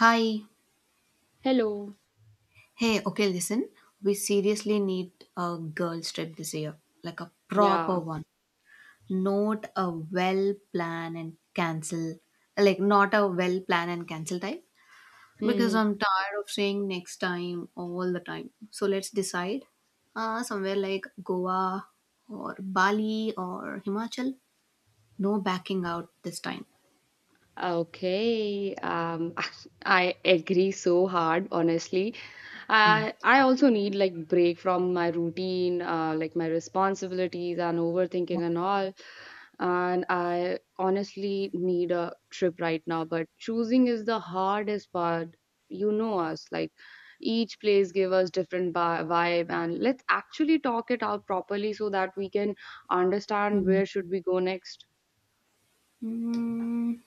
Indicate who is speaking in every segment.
Speaker 1: Hi.
Speaker 2: Hello.
Speaker 1: Hey, okay, listen. We seriously need a girl trip this year, like a proper
Speaker 2: Yeah.
Speaker 1: one. Not a well plan and cancel, like not a well plan and cancel type, because
Speaker 2: Hmm.
Speaker 1: I'm tired of saying next time all the time. So let's decide somewhere like Goa or Bali or Himachal. No backing out this time.
Speaker 2: Okay. I agree so hard, honestly.
Speaker 1: Mm.
Speaker 2: I also need like break from my routine, like my responsibilities and
Speaker 1: Yeah.
Speaker 2: overthinking and all. And I honestly need a trip right now, but choosing is the hardest part. You know us, like each place give us different vibe, and let's actually talk it out properly so that we can understand
Speaker 1: Mm.
Speaker 2: where should we go next.
Speaker 1: Mm,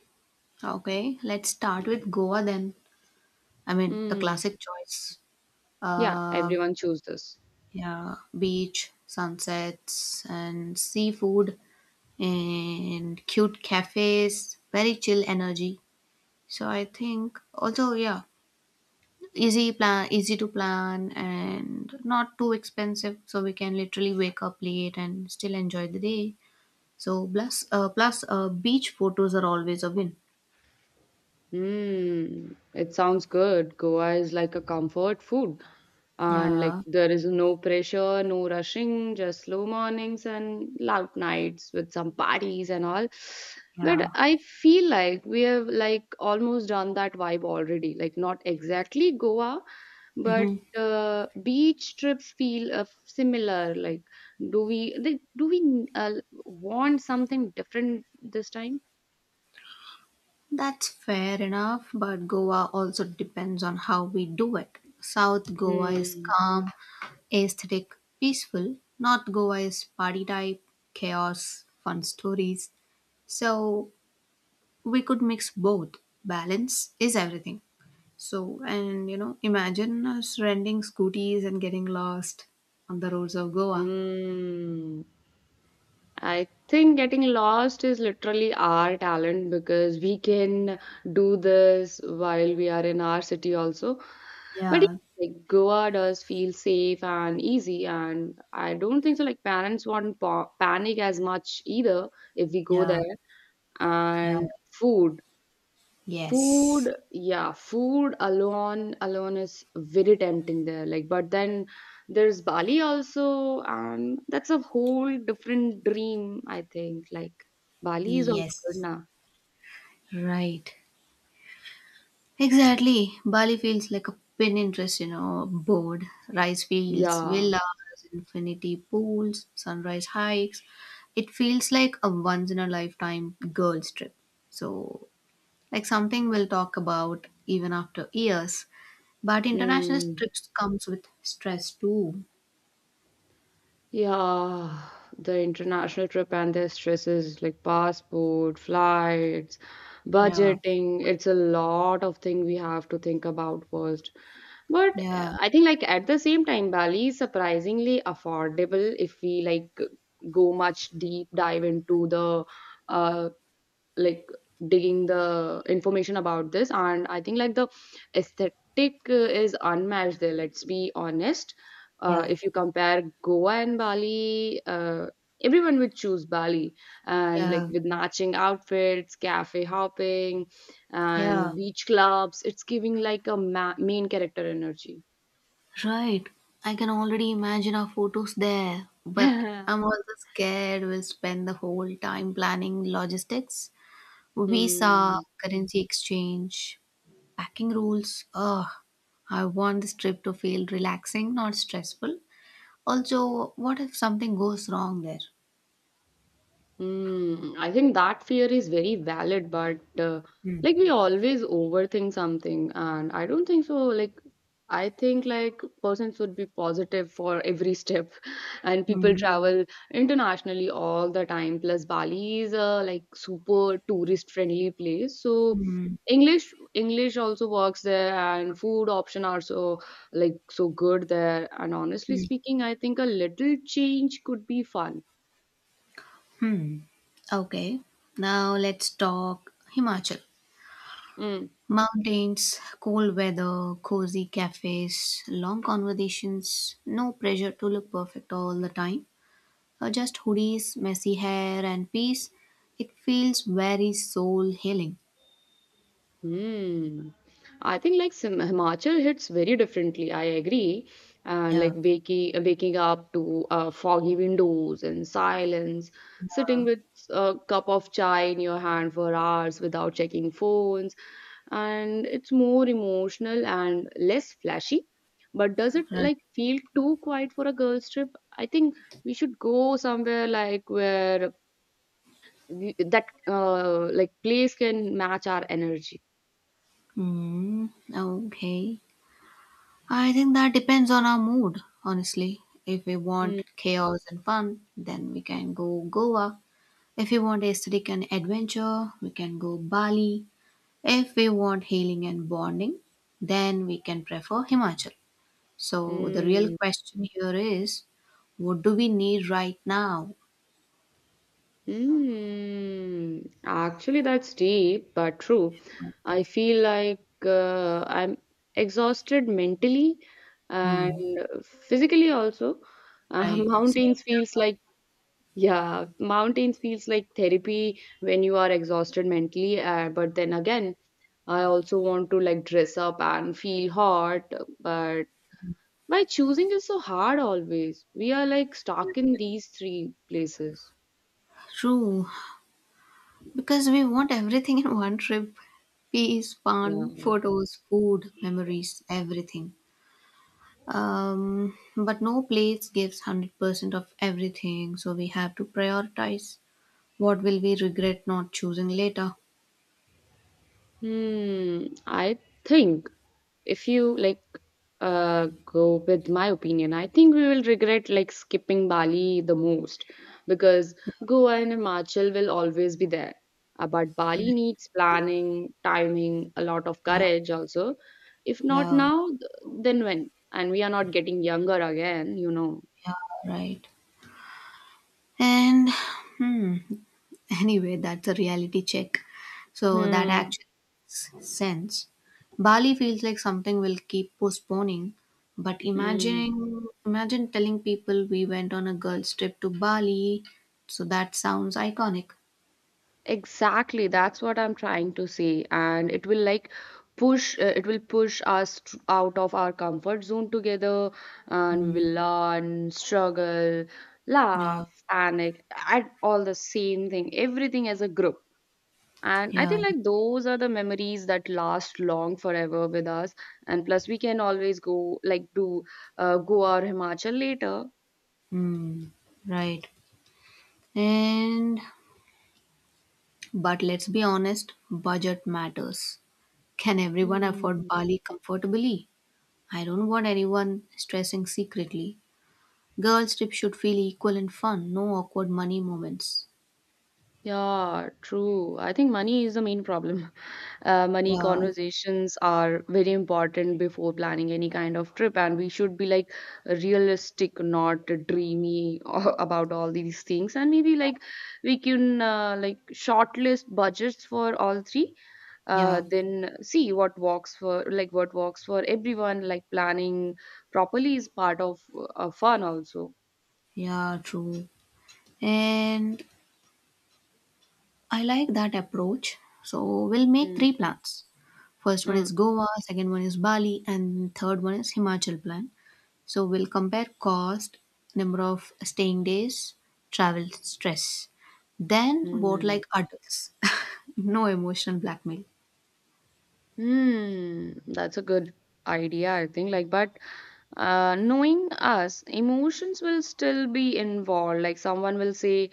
Speaker 1: okay, let's start with Goa then. I mean, the
Speaker 2: Mm,
Speaker 1: classic choice.
Speaker 2: yeah,
Speaker 1: Uh,
Speaker 2: everyone chooses this.
Speaker 1: yeah, beach, sunsets, and seafood, and cute cafes, very chill energy. So I think also yeah, easy plan, easy to plan, and not too expensive. So we can literally wake up late and still enjoy the day. So plus, beach photos are always a win.
Speaker 2: Mm, it sounds good. Goa is like a comfort food. And like
Speaker 1: Yeah,
Speaker 2: there is no pressure, no rushing, just slow mornings and loud nights with some parties and all.
Speaker 1: yeah.
Speaker 2: But I feel like we have like almost done that vibe already. Like not exactly Goa, but
Speaker 1: Hmm.
Speaker 2: beach trips feel similar. Like do we want something different this time?
Speaker 1: That's fair enough, but Goa also depends on how we do it. South Goa is
Speaker 2: Mm,
Speaker 1: calm, aesthetic, peaceful. North Goa is party type, chaos, fun stories. So we could mix both. Balance is everything. So, and imagine us renting scooties and getting lost on the roads of Goa.
Speaker 2: mm. I think getting lost is literally our talent because we can do this while we are in our city also. But
Speaker 1: Yeah,
Speaker 2: yeah, like Goa does feel safe and easy, and I don't think so. Like parents won't pa panic as much either if we go
Speaker 1: yeah,
Speaker 2: there.
Speaker 1: yeah.
Speaker 2: And food.
Speaker 1: Yes,
Speaker 2: Food, yeah, food alone is very tempting there. Like, but then there's Bali also, and that's a whole different dream, I think. Like, Bali is also good
Speaker 1: yes.
Speaker 2: now.
Speaker 1: Right. Exactly. Bali feels like a pin interest, board, rice fields,
Speaker 2: Yeah.
Speaker 1: villas, infinity pools, sunrise hikes. It feels like a once in a lifetime girls' trip. So, like something we'll talk about even after years. But international
Speaker 2: Mm.
Speaker 1: trips comes with stress too.
Speaker 2: Yeah, the international trip and the stresses like passport, flights,
Speaker 1: Yeah,
Speaker 2: budgeting, it's a lot of thing we have to think about first. But
Speaker 1: yeah,
Speaker 2: I think like at the same time, Bali is surprisingly affordable if we like go much deep dive into the uh like digging the information about this. And I think like the aesthetic is unmatched there, let's be honest.
Speaker 1: yeah.
Speaker 2: If you compare Goa and Bali, everyone would choose Bali and like
Speaker 1: Yeah,
Speaker 2: with matching outfits, cafe hopping,
Speaker 1: yeah.
Speaker 2: and beach clubs, it's giving like a ma main character energy.
Speaker 1: Right. I can already imagine our photos there, but I'm also scared we'll spend the whole time planning logistics, visa,
Speaker 2: 嗯，
Speaker 1: currency exchange, packing rules. Ugh, I want this trip to feel relaxing, not stressful. Also, what if something goes wrong there?
Speaker 2: Mm, I think that fear is very valid, but
Speaker 1: Hmm.
Speaker 2: like we always overthink something, and I don't think so. Like, I think like person should be positive for every step, and people
Speaker 1: Hmm.
Speaker 2: travel internationally all the time. Plus, Bali is a like super tourist friendly place, so
Speaker 1: Hmm.
Speaker 2: English also works there, and food option are so like so good there. And honestly
Speaker 1: Hmm.
Speaker 2: speaking, I think a little change could be fun.
Speaker 1: Hmm. Okay, now let's talk Himachal.
Speaker 2: Mm.
Speaker 1: Mountains, cold weather, cozy cafes, long conversations, no pressure to look perfect all the time. Just hoodies, messy hair, and peace. It feels very soul healing.
Speaker 2: Hmm. I think like Sim Himachal hits very differently. I agree. And like
Speaker 1: Yeah,
Speaker 2: waking up to foggy windows and silence, sitting with a cup of chai in your hand for hours without checking phones, and it's more emotional and less flashy. But does it
Speaker 1: right.
Speaker 2: like feel too quiet for a girl's trip? I think we should go somewhere like where we, that like place can match our energy.
Speaker 1: Okay. I think that depends on our mood, honestly. If we want chaos and fun, then we can go Goa. If we want aesthetic and adventure, we can go Bali. If we want healing and bonding, then we can prefer Himachal. So the real
Speaker 2: Mm,
Speaker 1: question here is, what do we need right now?
Speaker 2: mm. Actually, that's deep but true. I feel like I'm exhausted mentally and
Speaker 1: Hmm.
Speaker 2: physically also.
Speaker 1: Right. Same
Speaker 2: Mountains
Speaker 1: here.
Speaker 2: feels like Yeah, mountains feels like therapy when you are exhausted mentally. But then again, I also want to like dress up and feel hot. But why choosing is so hard always? We are like stuck in these three places.
Speaker 1: True, because we want everything in one trip: peace,
Speaker 2: Yeah.
Speaker 1: fun, photos, food, memories, everything. But no place gives 100% of everything, so we have to prioritize. What will we regret not choosing later?
Speaker 2: Hmm, I think if you like go with my opinion, I think we will regret like skipping Bali the most because
Speaker 1: Yeah,
Speaker 2: Goa and Himachal will always be there. But
Speaker 1: right.
Speaker 2: Bali needs planning, timing, a lot of
Speaker 1: Yeah,
Speaker 2: courage also. If not
Speaker 1: yeah,
Speaker 2: now, then when? And we are not getting younger again.
Speaker 1: yeah, right. And hmm, anyway, that's a reality check. So that actually makes sense. Bali feels like something we'll keep postponing. But
Speaker 2: Hmm.
Speaker 1: imagine telling people we went on a girls' trip to Bali. So that sounds iconic.
Speaker 2: Exactly, that's what I'm trying to say. And it will like push, it will push us out of our comfort zone together, and we
Speaker 1: Mm,
Speaker 2: will learn, struggle,
Speaker 1: yeah,
Speaker 2: laugh, panic, and all the same thing, everything as a group. And I
Speaker 1: yeah,
Speaker 2: think like those are the memories that last long forever with us. And plus, we can always go like do Goa or Himachal later.
Speaker 1: mm, right. And, but let's be honest, budget matters. Can everyone afford
Speaker 2: Hmm.
Speaker 1: Bali comfortably? I don't want anyone stressing secretly. Girls' trip should feel equal and fun, no awkward money moments.
Speaker 2: Yeah, true. I think money is the main problem. Money
Speaker 1: Yeah,
Speaker 2: conversations are very important before planning any kind of trip, and we should be like realistic, not dreamy about all these things. And maybe like we can like shortlist budgets for all three.
Speaker 1: yeah,
Speaker 2: Then see what works for like what works for everyone. Like planning properly is part of fun also.
Speaker 1: yeah, true. And I like that approach. So we'll make
Speaker 2: Mm,
Speaker 1: three plans. First one
Speaker 2: mm,
Speaker 1: is Goa, second one is Bali, and third one is Himachal plan. So we'll compare cost, number of staying days, travel stress. Then vote
Speaker 2: mm.
Speaker 1: like adults. No emotional blackmail.
Speaker 2: Hmm, that's a good idea, I think. Like, but knowing us, emotions will still be involved. Like, someone will say,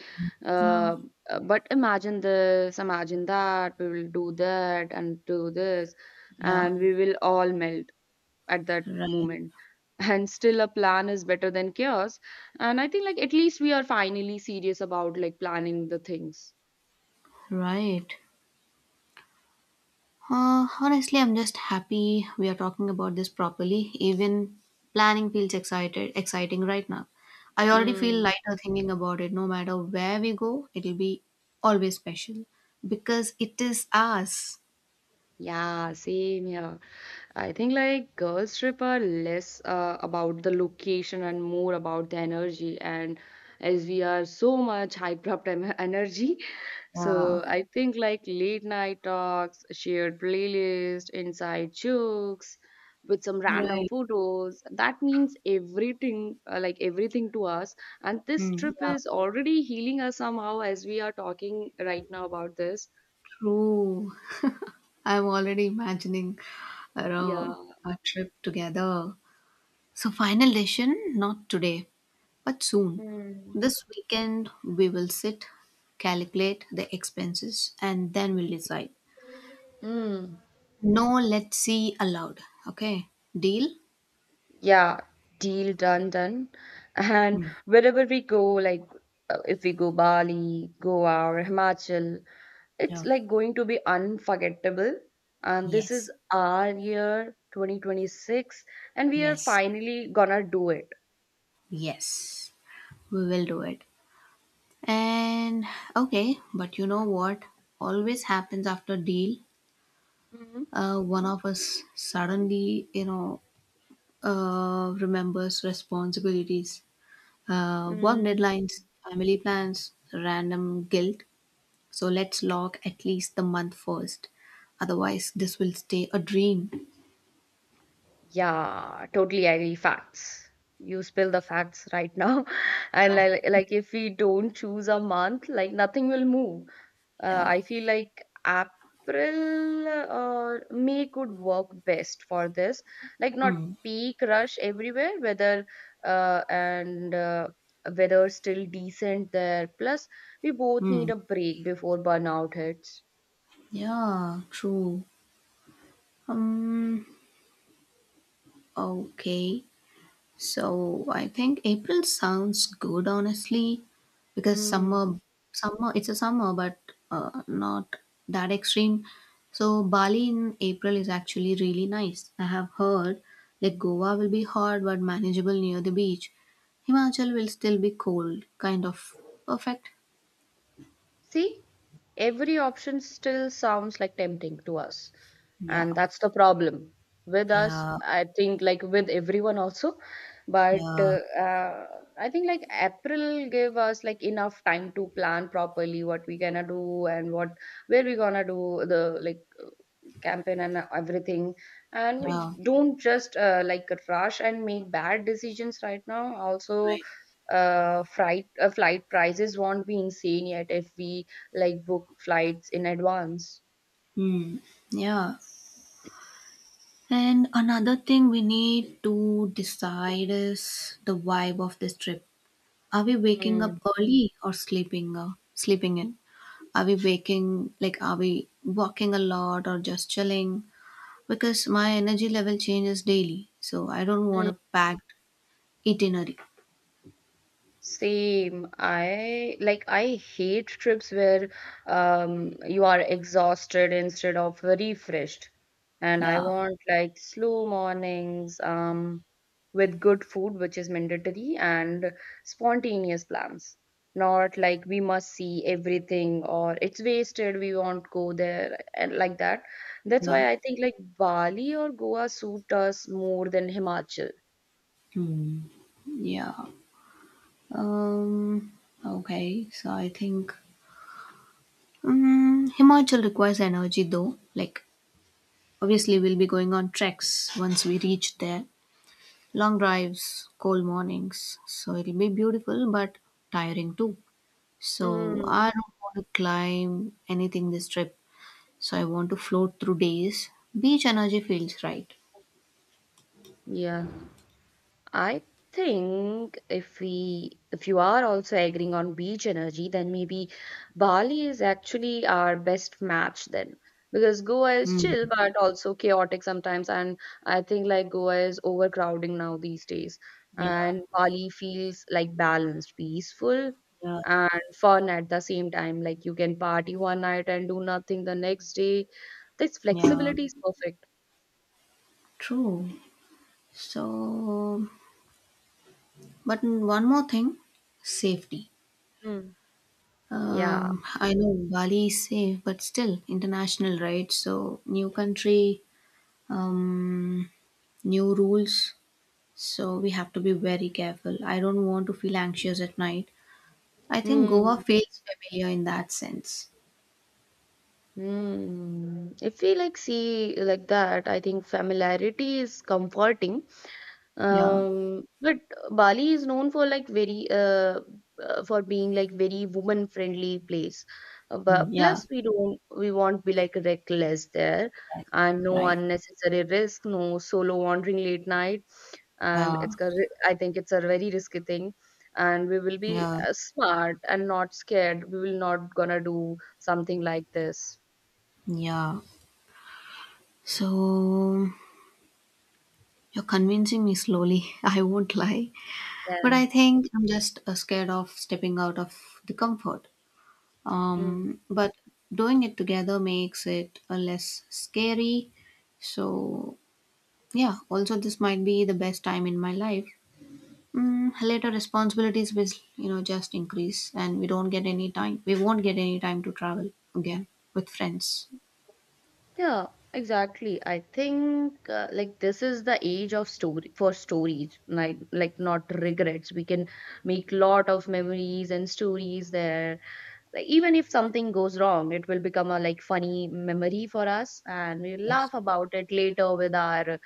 Speaker 1: Yeah.
Speaker 2: uh, but imagine this, imagine that, we will do that and do this,
Speaker 1: Yeah.
Speaker 2: and we will all melt at that
Speaker 1: Right.
Speaker 2: moment. And still, a plan is better than chaos. And I think, like, at least we are finally serious about like planning the things.
Speaker 1: Right. Honestly, I'm just happy we are talking about this properly. Even planning feels exciting right now. I already feel
Speaker 2: Hmm.
Speaker 1: lighter thinking about it. No matter where we go, it'll be always special because it is us.
Speaker 2: Yeah, same here. I think like girls trip are less about the location and more about the energy. And as we are so much hyped up energy,
Speaker 1: Yeah.
Speaker 2: so I think like late night talks, shared playlist, inside jokes with some random
Speaker 1: Right.
Speaker 2: photos. That means everything, like everything to us. And this
Speaker 1: Mm,
Speaker 2: trip
Speaker 1: yeah.
Speaker 2: is already healing us somehow as we are talking right now about this.
Speaker 1: True. I'm already imagining you know,
Speaker 2: Yeah.
Speaker 1: a trip together. So, final decision not today, but soon.
Speaker 2: Mm.
Speaker 1: This weekend, we will sit, calculate the expenses, and then we'll decide.
Speaker 2: Mm.
Speaker 1: No, let's see allowed. Okay, deal?
Speaker 2: Yeah, deal done, done. And
Speaker 1: Hmm.
Speaker 2: wherever we go, like if we go Bali, Goa, or Himachal, it's
Speaker 1: Oh,
Speaker 2: like going to be unforgettable. And this is
Speaker 1: yes,
Speaker 2: our year 2026, and we are
Speaker 1: yes.
Speaker 2: finally gonna do it.
Speaker 1: Yes, we will do it. And okay, but you know what always happens after deal?
Speaker 2: Hmm.
Speaker 1: One of us suddenly, remembers responsibilities. Work deadlines,
Speaker 2: Mm.
Speaker 1: family plans, random guilt. So let's lock at least the month first. Otherwise, this will stay a dream.
Speaker 2: Yeah, totally agree. Facts. You spill the facts right now. And like if we don't choose a month, like nothing will move.
Speaker 1: Yeah.
Speaker 2: I feel like April or May could work best for this. Like not
Speaker 1: Hmm.
Speaker 2: peak rush everywhere, uh, and uh, weather still decent there. Plus, we both
Speaker 1: Hmm.
Speaker 2: need a break before burnout hits.
Speaker 1: Yeah. True. Um. Okay. So I think April sounds good, honestly, because
Speaker 2: Hmm.
Speaker 1: summer, it's a summer, but not that extreme. So Bali in April is actually really nice. I have heard like Goa will be hot but manageable near the beach. Himachal will still be cold, kind of perfect.
Speaker 2: See, every option still sounds like tempting to us.
Speaker 1: Yeah,
Speaker 2: And that's the problem with us.
Speaker 1: yeah,
Speaker 2: I think, like with everyone also. But
Speaker 1: yeah,
Speaker 2: uh, I think, like, April gave us like enough time to plan properly what we gonna do and what where we gonna do the like campaign and everything and we
Speaker 1: yeah.
Speaker 2: don't just like rush and make bad decisions right now also.
Speaker 1: Right.
Speaker 2: Flight prices won't be insane yet if we like book flights in advance.
Speaker 1: Hmm. Yeah. And another thing we need to decide is the vibe of this trip. Are we waking
Speaker 2: Mm.
Speaker 1: up early or sleeping in? Are we walking a lot or just chilling? Because my energy level changes daily, so I don't want a packed itinerary.
Speaker 2: Same. I hate trips where you are exhausted instead of refreshed. And I
Speaker 1: Yeah.
Speaker 2: want like slow mornings with good food, which is mandatory, and spontaneous plans. Not like we must see everything or it's wasted, we won't go there and like that. That's
Speaker 1: Yeah.
Speaker 2: why I think like Bali or Goa suit us more than Himachal.
Speaker 1: Hmm. Yeah. Um. Okay. So I think Himachal requires energy though. Like, obviously, we'll be going on treks once we reach there. Long drives, cold mornings. So it'll be beautiful but tiring too. So
Speaker 2: Mm.
Speaker 1: I don't want to climb anything this trip. So I want to float through days. Beach energy feels right.
Speaker 2: Yeah. I think if you are also agreeing on beach energy, then maybe Bali is actually our best match then. Because Goa is
Speaker 1: Mm.
Speaker 2: chill but also chaotic sometimes and I think like Goa is overcrowding now these days.
Speaker 1: Yeah,
Speaker 2: And Bali feels like balanced, peaceful
Speaker 1: yeah,
Speaker 2: and fun at the same time. Like you can party one night and do nothing the next day. This
Speaker 1: yeah.
Speaker 2: flexibility is perfect.
Speaker 1: True. So, but one more thing, safety.
Speaker 2: Hmm. Yeah.
Speaker 1: I know Bali is safe, but still international, right? So new country. Um, new rules, so we have to be very careful. I don't want to feel anxious at night. I think
Speaker 2: Hmm.
Speaker 1: Goa feels familiar in that sense.
Speaker 2: Mm, if we like see like that, I think familiarity is comforting.
Speaker 1: Yeah,
Speaker 2: But Bali is known for like very for being like very woman friendly place.
Speaker 1: mm,
Speaker 2: But
Speaker 1: yeah,
Speaker 2: plus we don't, we won't be like reckless there,
Speaker 1: that's
Speaker 2: and no
Speaker 1: right.
Speaker 2: unnecessary risk, no solo wandering late night, and
Speaker 1: Yeah,
Speaker 2: I think it's a very risky thing. And we will be
Speaker 1: yeah,
Speaker 2: smart and not scared. We will not gonna do something like this.
Speaker 1: yeah. So you're convincing me slowly. I won't lie, but I
Speaker 2: Yeah.
Speaker 1: think I'm just scared of stepping out of the comfort.
Speaker 2: Mm.
Speaker 1: But doing it together makes it less scary. So yeah, also this might be the best time in my life. Later responsibilities will, just increase and we don't get any time. We won't get any time to travel again with friends.
Speaker 2: Yeah, exactly. I think like this is the age of story for stories, like not regrets. We can make lot of memories and stories there. Like even if something goes wrong, it will become a like funny memory for us, and we'll
Speaker 1: Yes.
Speaker 2: laugh about it later with our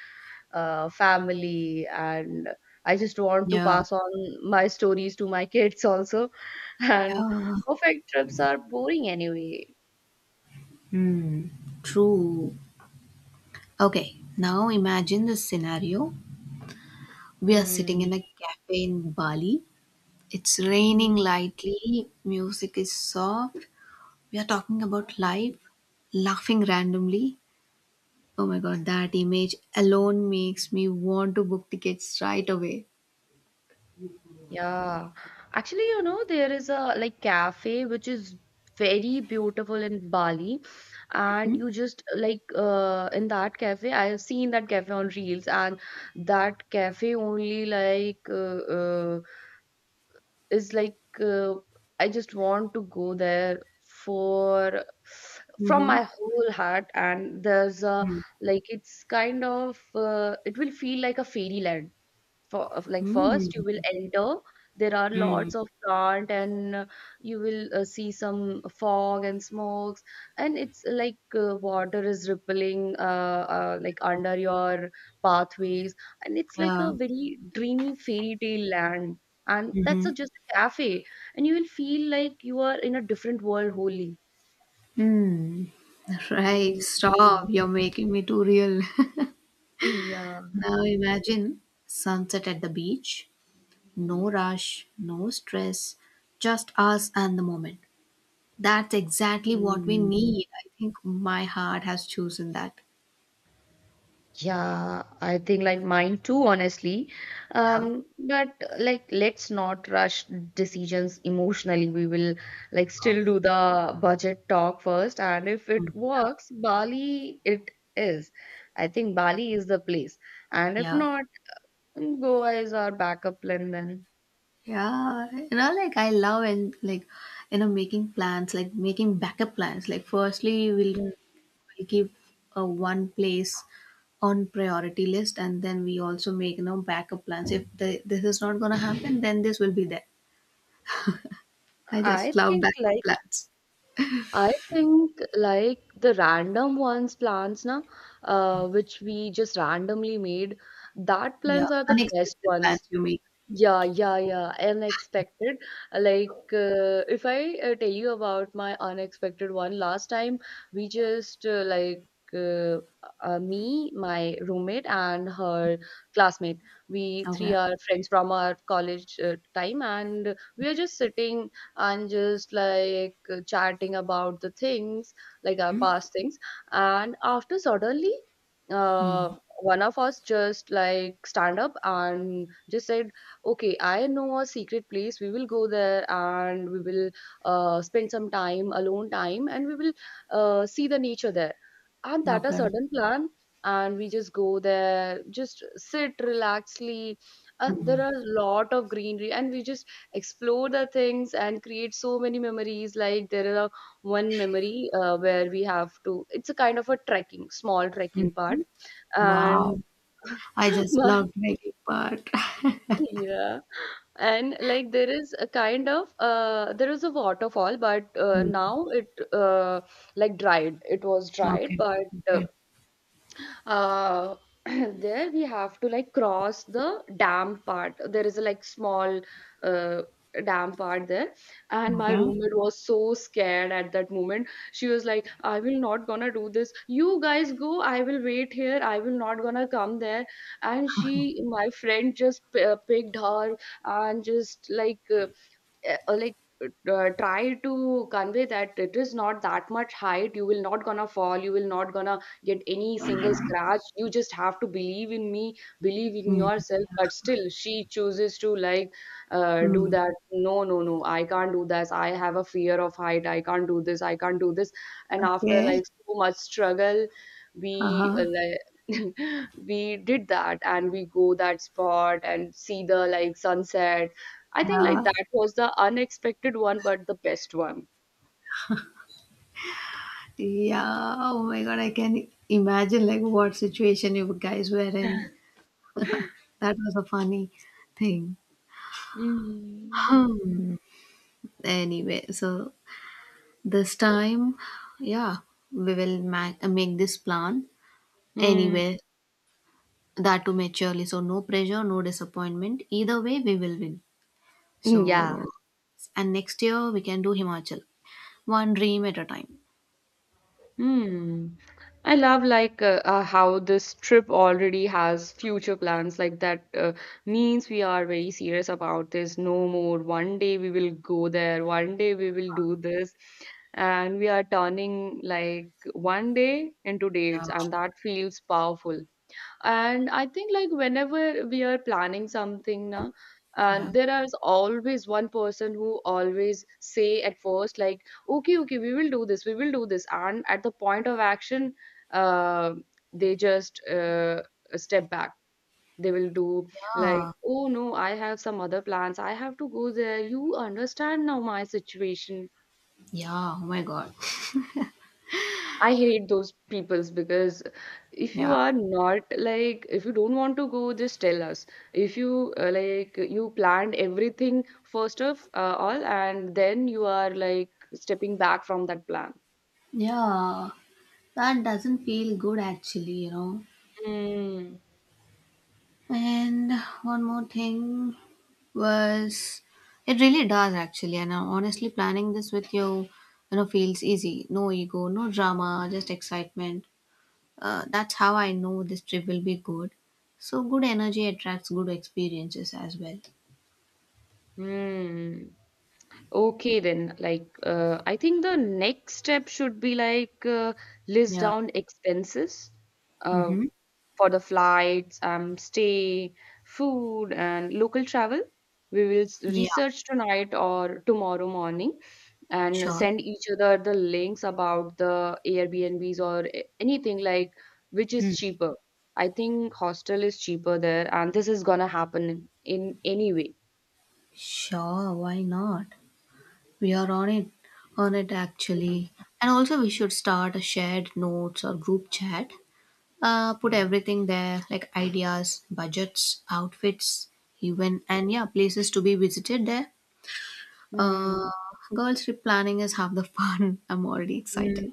Speaker 2: family. And I just want to
Speaker 1: Yeah.
Speaker 2: pass on my stories to my kids also. And
Speaker 1: Yeah.
Speaker 2: perfect trips are boring anyway.
Speaker 1: Hmm. True. Okay. Now imagine this scenario. We are sitting
Speaker 2: Mm.
Speaker 1: in a cafe in Bali. It's raining lightly. Music is soft. We are talking about life, laughing randomly. Oh my God, that image alone makes me want to book tickets right away.
Speaker 2: Yeah, actually, there is a like cafe which is very beautiful in Bali, and
Speaker 1: Mm-hmm.
Speaker 2: you just like in that cafe, I have seen that cafe on Reels, and that cafe only like is like I just want to go there for from
Speaker 1: Mm-hmm.
Speaker 2: my whole heart, and there's a like it's kind of it will feel like a fairyland for of like first you will
Speaker 1: Mm-hmm.
Speaker 2: enter there are lots of plant and you will see some fog and smokes and it's like water is rippling like under your pathways and it's like
Speaker 1: Yeah.
Speaker 2: a very dreamy fairy tale land and that's
Speaker 1: Mm-hmm.
Speaker 2: a, just a cafe and you will feel like you are in a different world wholly.
Speaker 1: Mm. Right,
Speaker 2: Mm.
Speaker 1: stop. You're making me too real.
Speaker 2: Yeah.
Speaker 1: Now imagine sunset at the beach, no rush, no stress, just us and the moment. That's exactly what we
Speaker 2: Mm.
Speaker 1: need. I think my heart has chosen that.
Speaker 2: Yeah, I think like mine too, honestly.
Speaker 1: Yeah.
Speaker 2: But like, let's not rush decisions emotionally. We will like still do the budget talk first, and if
Speaker 1: Mm.
Speaker 2: it works, Bali it is. I think Bali is the place, and if
Speaker 1: Yeah.
Speaker 2: not, Goa is our backup plan then.
Speaker 1: Yeah, like I love and like making plans, like making backup plans. Like firstly, we'll,
Speaker 2: Mm.
Speaker 1: we'll keep a one place on priority list, and then we also make backup plans. If this is not gonna happen, then this will be there. I
Speaker 2: I
Speaker 1: just love
Speaker 2: think
Speaker 1: backup
Speaker 2: like
Speaker 1: plans.
Speaker 2: I think like the random ones plans na which we just randomly made that
Speaker 1: Yeah,
Speaker 2: plans are the best
Speaker 1: unexpected
Speaker 2: ones.
Speaker 1: plans you make.
Speaker 2: Yeah, yeah, yeah. Unexpected. Like, if I tell you about my unexpected one, last time we just uh, me, my roommate, and her classmate. We three
Speaker 1: Okay.
Speaker 2: are friends from our college time, and we are just sitting and just like chatting about the things, like our past things. And after suddenly,
Speaker 1: Mm.
Speaker 2: one of us just like stand up and just said, "Okay, I know a secret place. We will go there and we will spend some time, alone time, and we will see the nature there." And that a
Speaker 1: Okay.
Speaker 2: sudden plan, and we just go there, just sit, relaxly. And there
Speaker 1: Mhm.
Speaker 2: are a lot of greenery, and we just explore the things and create so many memories. Like there are one memory where we have to. It's a kind of a trekking, small
Speaker 1: Mm.
Speaker 2: trekking part, and
Speaker 1: Wow, I just
Speaker 2: my
Speaker 1: love making part.
Speaker 2: yeah, and like there is a kind of there is a waterfall, but uh,
Speaker 1: Mm.
Speaker 2: now it uh, like dried. It was dried,
Speaker 1: Okay.
Speaker 2: but uh,
Speaker 1: Okay.
Speaker 2: uh, there we have to like cross the dam part. There is a like small uh, dam part there, and my
Speaker 1: Okay.
Speaker 2: roommate was so scared at that moment. She was like, "I will not gonna do this. You guys go. I will wait here. I will not gonna come there." And she my friend just picked her and just like uh, uh, like try to convey that it is not that much height. You will not gonna fall. You will not gonna get any single scratch. You just have to believe in me, believe in
Speaker 1: Mm.
Speaker 2: yourself. But still she chooses to like do
Speaker 1: Mm.
Speaker 2: that. "No, no, no, I can't do this. I have a fear of height. I can't do this. I can't do this." And after
Speaker 1: Okay.
Speaker 2: like so much struggle, we
Speaker 1: Uh-huh.
Speaker 2: we did that and we go that spot and see the like sunset. I think like
Speaker 1: Yeah.
Speaker 2: that was the unexpected one, but the best one.
Speaker 1: Yeah. Oh my God. I can imagine like what situation you guys were in. That was a funny thing.
Speaker 2: Mm.
Speaker 1: Hmm. Anyway, so this time, yeah, we will make this plan.
Speaker 2: Mm,
Speaker 1: Anyway, that too maturely. So no pressure, no disappointment. Either way, we will win.
Speaker 2: yeah.
Speaker 1: So, and next year we can do Himachal. One dream at a time.
Speaker 2: Hmm. I love like how this trip already has future plans. Like that means we are very serious about this. No more. One day we will go there. One day we will do this. And we are turning like one day into
Speaker 1: Yeah.
Speaker 2: dates, and that feels powerful. And I think like whenever we are planning something now,
Speaker 1: Yeah.
Speaker 2: and there is always one person who always say at first like, "Okay, okay, we will do this. We will do this." And at the point of action, uh, they just step back. They will do
Speaker 1: Yeah.
Speaker 2: like, "Oh no, I have some other plans. I have to go there. You understand now my situation."
Speaker 1: Yeah. Oh my God.
Speaker 2: I hate those peoples because if you
Speaker 1: Yeah.
Speaker 2: are not like if you don't want to go, just tell us. If you like you planned everything first of all, and then you are like stepping back from that plan.
Speaker 1: Yeah. That doesn't feel good actually, you know.
Speaker 2: Mm.
Speaker 1: And one more thing was, it really does actually. And honestly, planning this with you you know feels easy. No ego, no drama, just excitement. That's how I know this trip will be good. So good energy attracts good experiences as well.
Speaker 2: Hmm. Okay, then, like, I think the next step should be like list
Speaker 1: Yeah.
Speaker 2: down expenses. Uh,
Speaker 1: Mm-hmm.
Speaker 2: for the flights, stay, food, and local travel. We will
Speaker 1: Yeah,
Speaker 2: research tonight or tomorrow morning and
Speaker 1: sure.
Speaker 2: send each other the links about the Airbnbs or anything like which is
Speaker 1: Mm.
Speaker 2: cheaper. I think hostel is cheaper there, and this is gonna happen in any way.
Speaker 1: Sure, why not. We are on it actually. And also, we should start a shared notes or group chat. Put everything there, like ideas, budgets, outfits, even and yeah, places to be visited there. Uh,
Speaker 2: Mm.
Speaker 1: girl trip planning is half the fun. I'm already
Speaker 2: Mm.
Speaker 1: excited.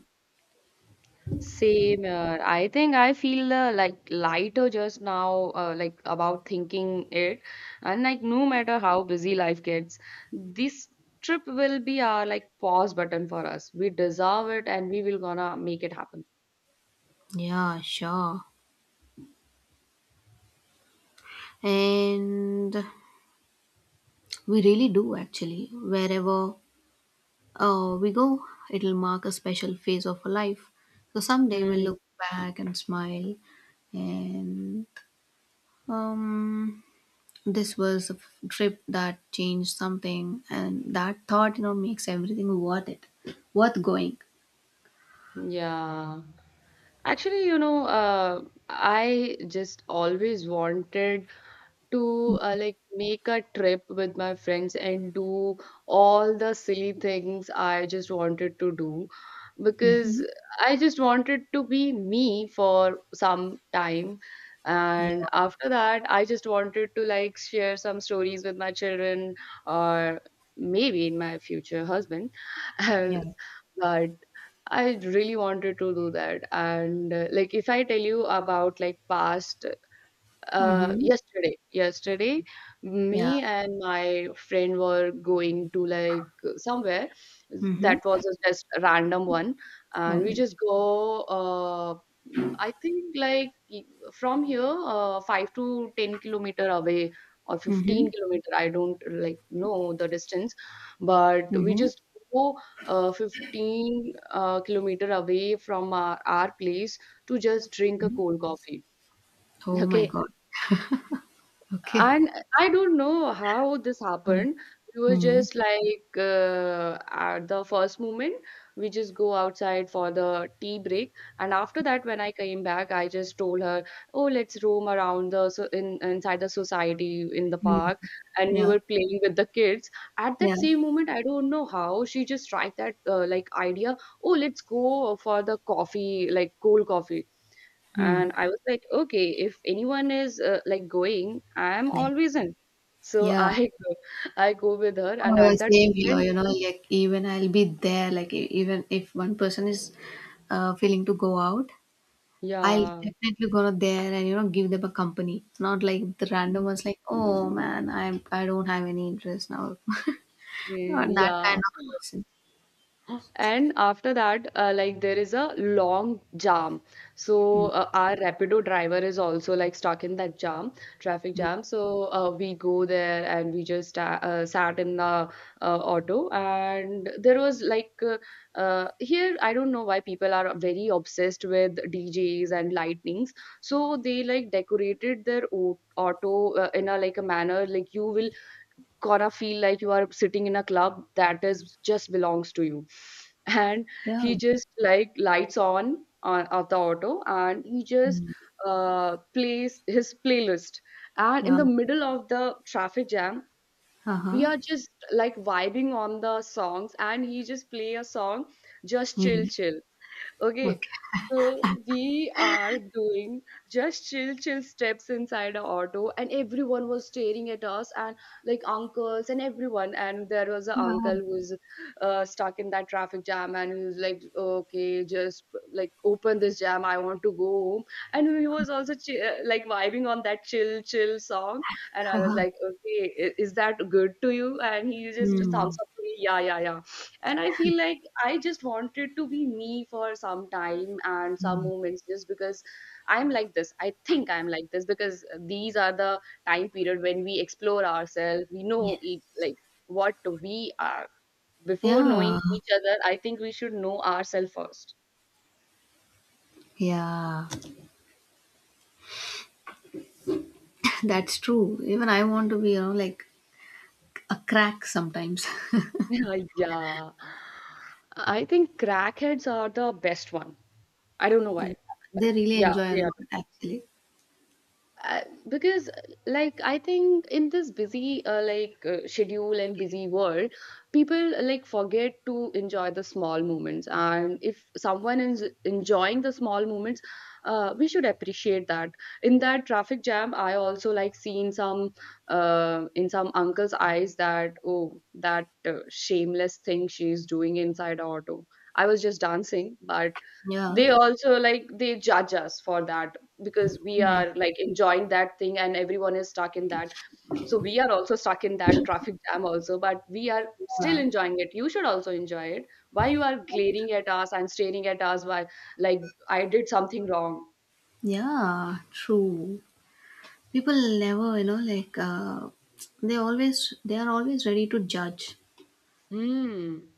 Speaker 2: Same. I think I feel like lighter just now, like about thinking it, and like no matter how busy life gets, this trip will be our like pause button for us. We deserve it, and we will gonna make it happen.
Speaker 1: Yeah, sure. And we really do actually. Wherever we go, it'll mark a special phase of our life. So someday we'll
Speaker 2: Mm,
Speaker 1: look back and smile. And um, this was a trip that changed something, and that thought, makes everything worth it, worth going.
Speaker 2: yeah. Actually, you know, I just always wanted to like make a trip with my friends and do all the silly things I just wanted to do
Speaker 1: Mm-hmm.
Speaker 2: because I just wanted to be me for some time.
Speaker 1: Yeah.
Speaker 2: And after that, I just wanted to like share some stories with my children or maybe in my future husband. And
Speaker 1: Yeah.
Speaker 2: but I really wanted to do that. And like, if I tell you about like past
Speaker 1: Mm-hmm.
Speaker 2: yesterday,
Speaker 1: Yeah.
Speaker 2: me and my friend were going to like somewhere.
Speaker 1: Mm-hmm.
Speaker 2: That was a just a random one, and we
Speaker 1: Okay.
Speaker 2: just go. I think like from here, 5 to 10 kilometer away or
Speaker 1: Mm-hmm.
Speaker 2: 15 kilometer. I don't like know the distance, but we
Speaker 1: Mm-hmm.
Speaker 2: just go 15 kilometer away from our place to just drink a cold coffee.
Speaker 1: Oh my
Speaker 2: Okay,
Speaker 1: God. Okay.
Speaker 2: and I don't know how this happened. We were
Speaker 1: Mm-hmm.
Speaker 2: just like at the first moment, we just go outside for the tea break. And after that, when I came back, I just told her, "Oh, let's roam around the so in inside the society in the park." And we
Speaker 1: Yeah.
Speaker 2: were playing with the kids. At
Speaker 1: Yeah.
Speaker 2: that same moment, I don't know how she just tried that like idea. "Oh, let's go for the coffee, like cold coffee."
Speaker 1: Mm.
Speaker 2: And I was like, "Okay, if anyone is like going, I am
Speaker 1: Yeah.
Speaker 2: always in." So
Speaker 1: Yeah.
Speaker 2: I go with her, and
Speaker 1: Oh,
Speaker 2: at that
Speaker 1: same here,
Speaker 2: moment,
Speaker 1: like even I'll be there, like even if one person is feeling to go out, I'll
Speaker 2: yeah,
Speaker 1: definitely go there and give them a company. Not like the random ones, like oh man, I don't have any interest now. Not that
Speaker 2: yeah.
Speaker 1: kind of person.
Speaker 2: And after that, like there is a long jam. So
Speaker 1: Mm,
Speaker 2: our Rapido driver is also like stuck in that jam, traffic
Speaker 1: mm.
Speaker 2: jam. So we go there and we just sat in the auto, and there was like here I don't know why people are very obsessed with DJs and lightnings. So they like decorated their auto in a like a manner like you will gonna feel like you are sitting in a club that is just belongs to you. And
Speaker 1: Yeah.
Speaker 2: he just like lights on of the auto, and he just
Speaker 1: Mm.
Speaker 2: plays his playlist. And in
Speaker 1: Yeah.
Speaker 2: the middle of the traffic jam,
Speaker 1: Uh
Speaker 2: we
Speaker 1: huh.
Speaker 2: are just like vibing on the songs, and he just play a song, just chill
Speaker 1: Mm.
Speaker 2: chill. Okay,
Speaker 1: Okay.
Speaker 2: so we are doing just chill, chill steps inside our auto, and everyone was staring at us, and like uncles and everyone. And there was an
Speaker 1: Uh,
Speaker 2: uncle who's stuck in that traffic jam, and he was like, "Okay, just like open this jam. I want to go home." And he was also like vibing on that chill, chill song, and I was
Speaker 1: uh-huh.
Speaker 2: like, "Okay, is that good to you?" And he just
Speaker 1: Mm.
Speaker 2: thumbs up to me, "Yeah, yeah, yeah." And I feel like I just wanted to be me for some time and some
Speaker 1: Mm.
Speaker 2: moments just because I'm like this. I think I'm like this because these are the time period when we explore ourselves. We know
Speaker 1: Yeah.
Speaker 2: like what we are. Before knowing
Speaker 1: Yeah.
Speaker 2: each other, I think we should know ourselves first.
Speaker 1: Yeah. That's true. Even I want to be, like a crack sometimes.
Speaker 2: Yeah, yeah. I think crackheads are the best one. I don't know why.
Speaker 1: They really
Speaker 2: Yeah,
Speaker 1: enjoy a
Speaker 2: they are.
Speaker 1: lot actually.
Speaker 2: uh, because like I think in this busy schedule and busy world, people like forget to enjoy the small moments. And if someone is enjoying the small moments, we should appreciate that. In that traffic jam, I also like seen some in some uncle's eyes that, "Oh, that shameless thing she's doing inside the auto." I was just dancing, but
Speaker 1: Yeah.
Speaker 2: they also like they judge us for that because we
Speaker 1: Hmm.
Speaker 2: are like enjoying that thing and everyone is stuck in that. So we are also stuck in that traffic jam also, but we are still
Speaker 1: Yeah.
Speaker 2: enjoying it. You should also enjoy it. Why you are glaring at us and staring at us? Why? Like, I did something wrong.
Speaker 1: Yeah, true. People never, like they are always ready to judge.
Speaker 2: Hmm.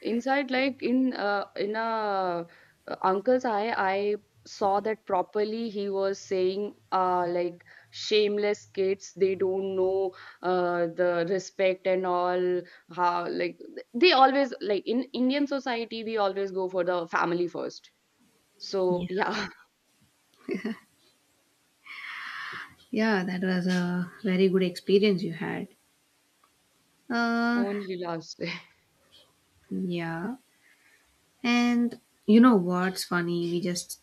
Speaker 2: Inside, like in a uncle's eye, I saw that properly. He was saying, like, "Shameless kids, they don't know the respect and all." How like they always like in Indian society, we always go for the family first.
Speaker 1: Yeah.
Speaker 2: So yeah,
Speaker 1: Yeah, that was a very good experience you had. Uh,
Speaker 2: only last.
Speaker 1: yeah. And you know what's funny? We just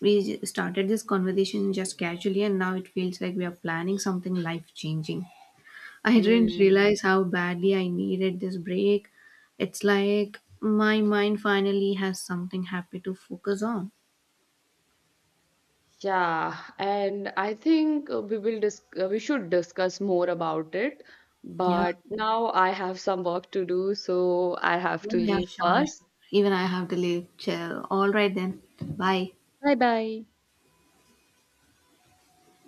Speaker 1: we j- started this conversation just casually, and now it feels like we are planning something life changing. I didn't
Speaker 2: Mm.
Speaker 1: realize how badly I needed this break. It's like my mind finally has something happy to focus on.
Speaker 2: Yeah, and I think we should discuss more about it.
Speaker 1: Yeah,
Speaker 2: But now I have some work to do, so I have
Speaker 1: yeah,
Speaker 2: to
Speaker 1: yeah,
Speaker 2: leave
Speaker 1: sure.
Speaker 2: first.
Speaker 1: Even I have to leave. Chill. All right then. Bye.
Speaker 2: Bye bye.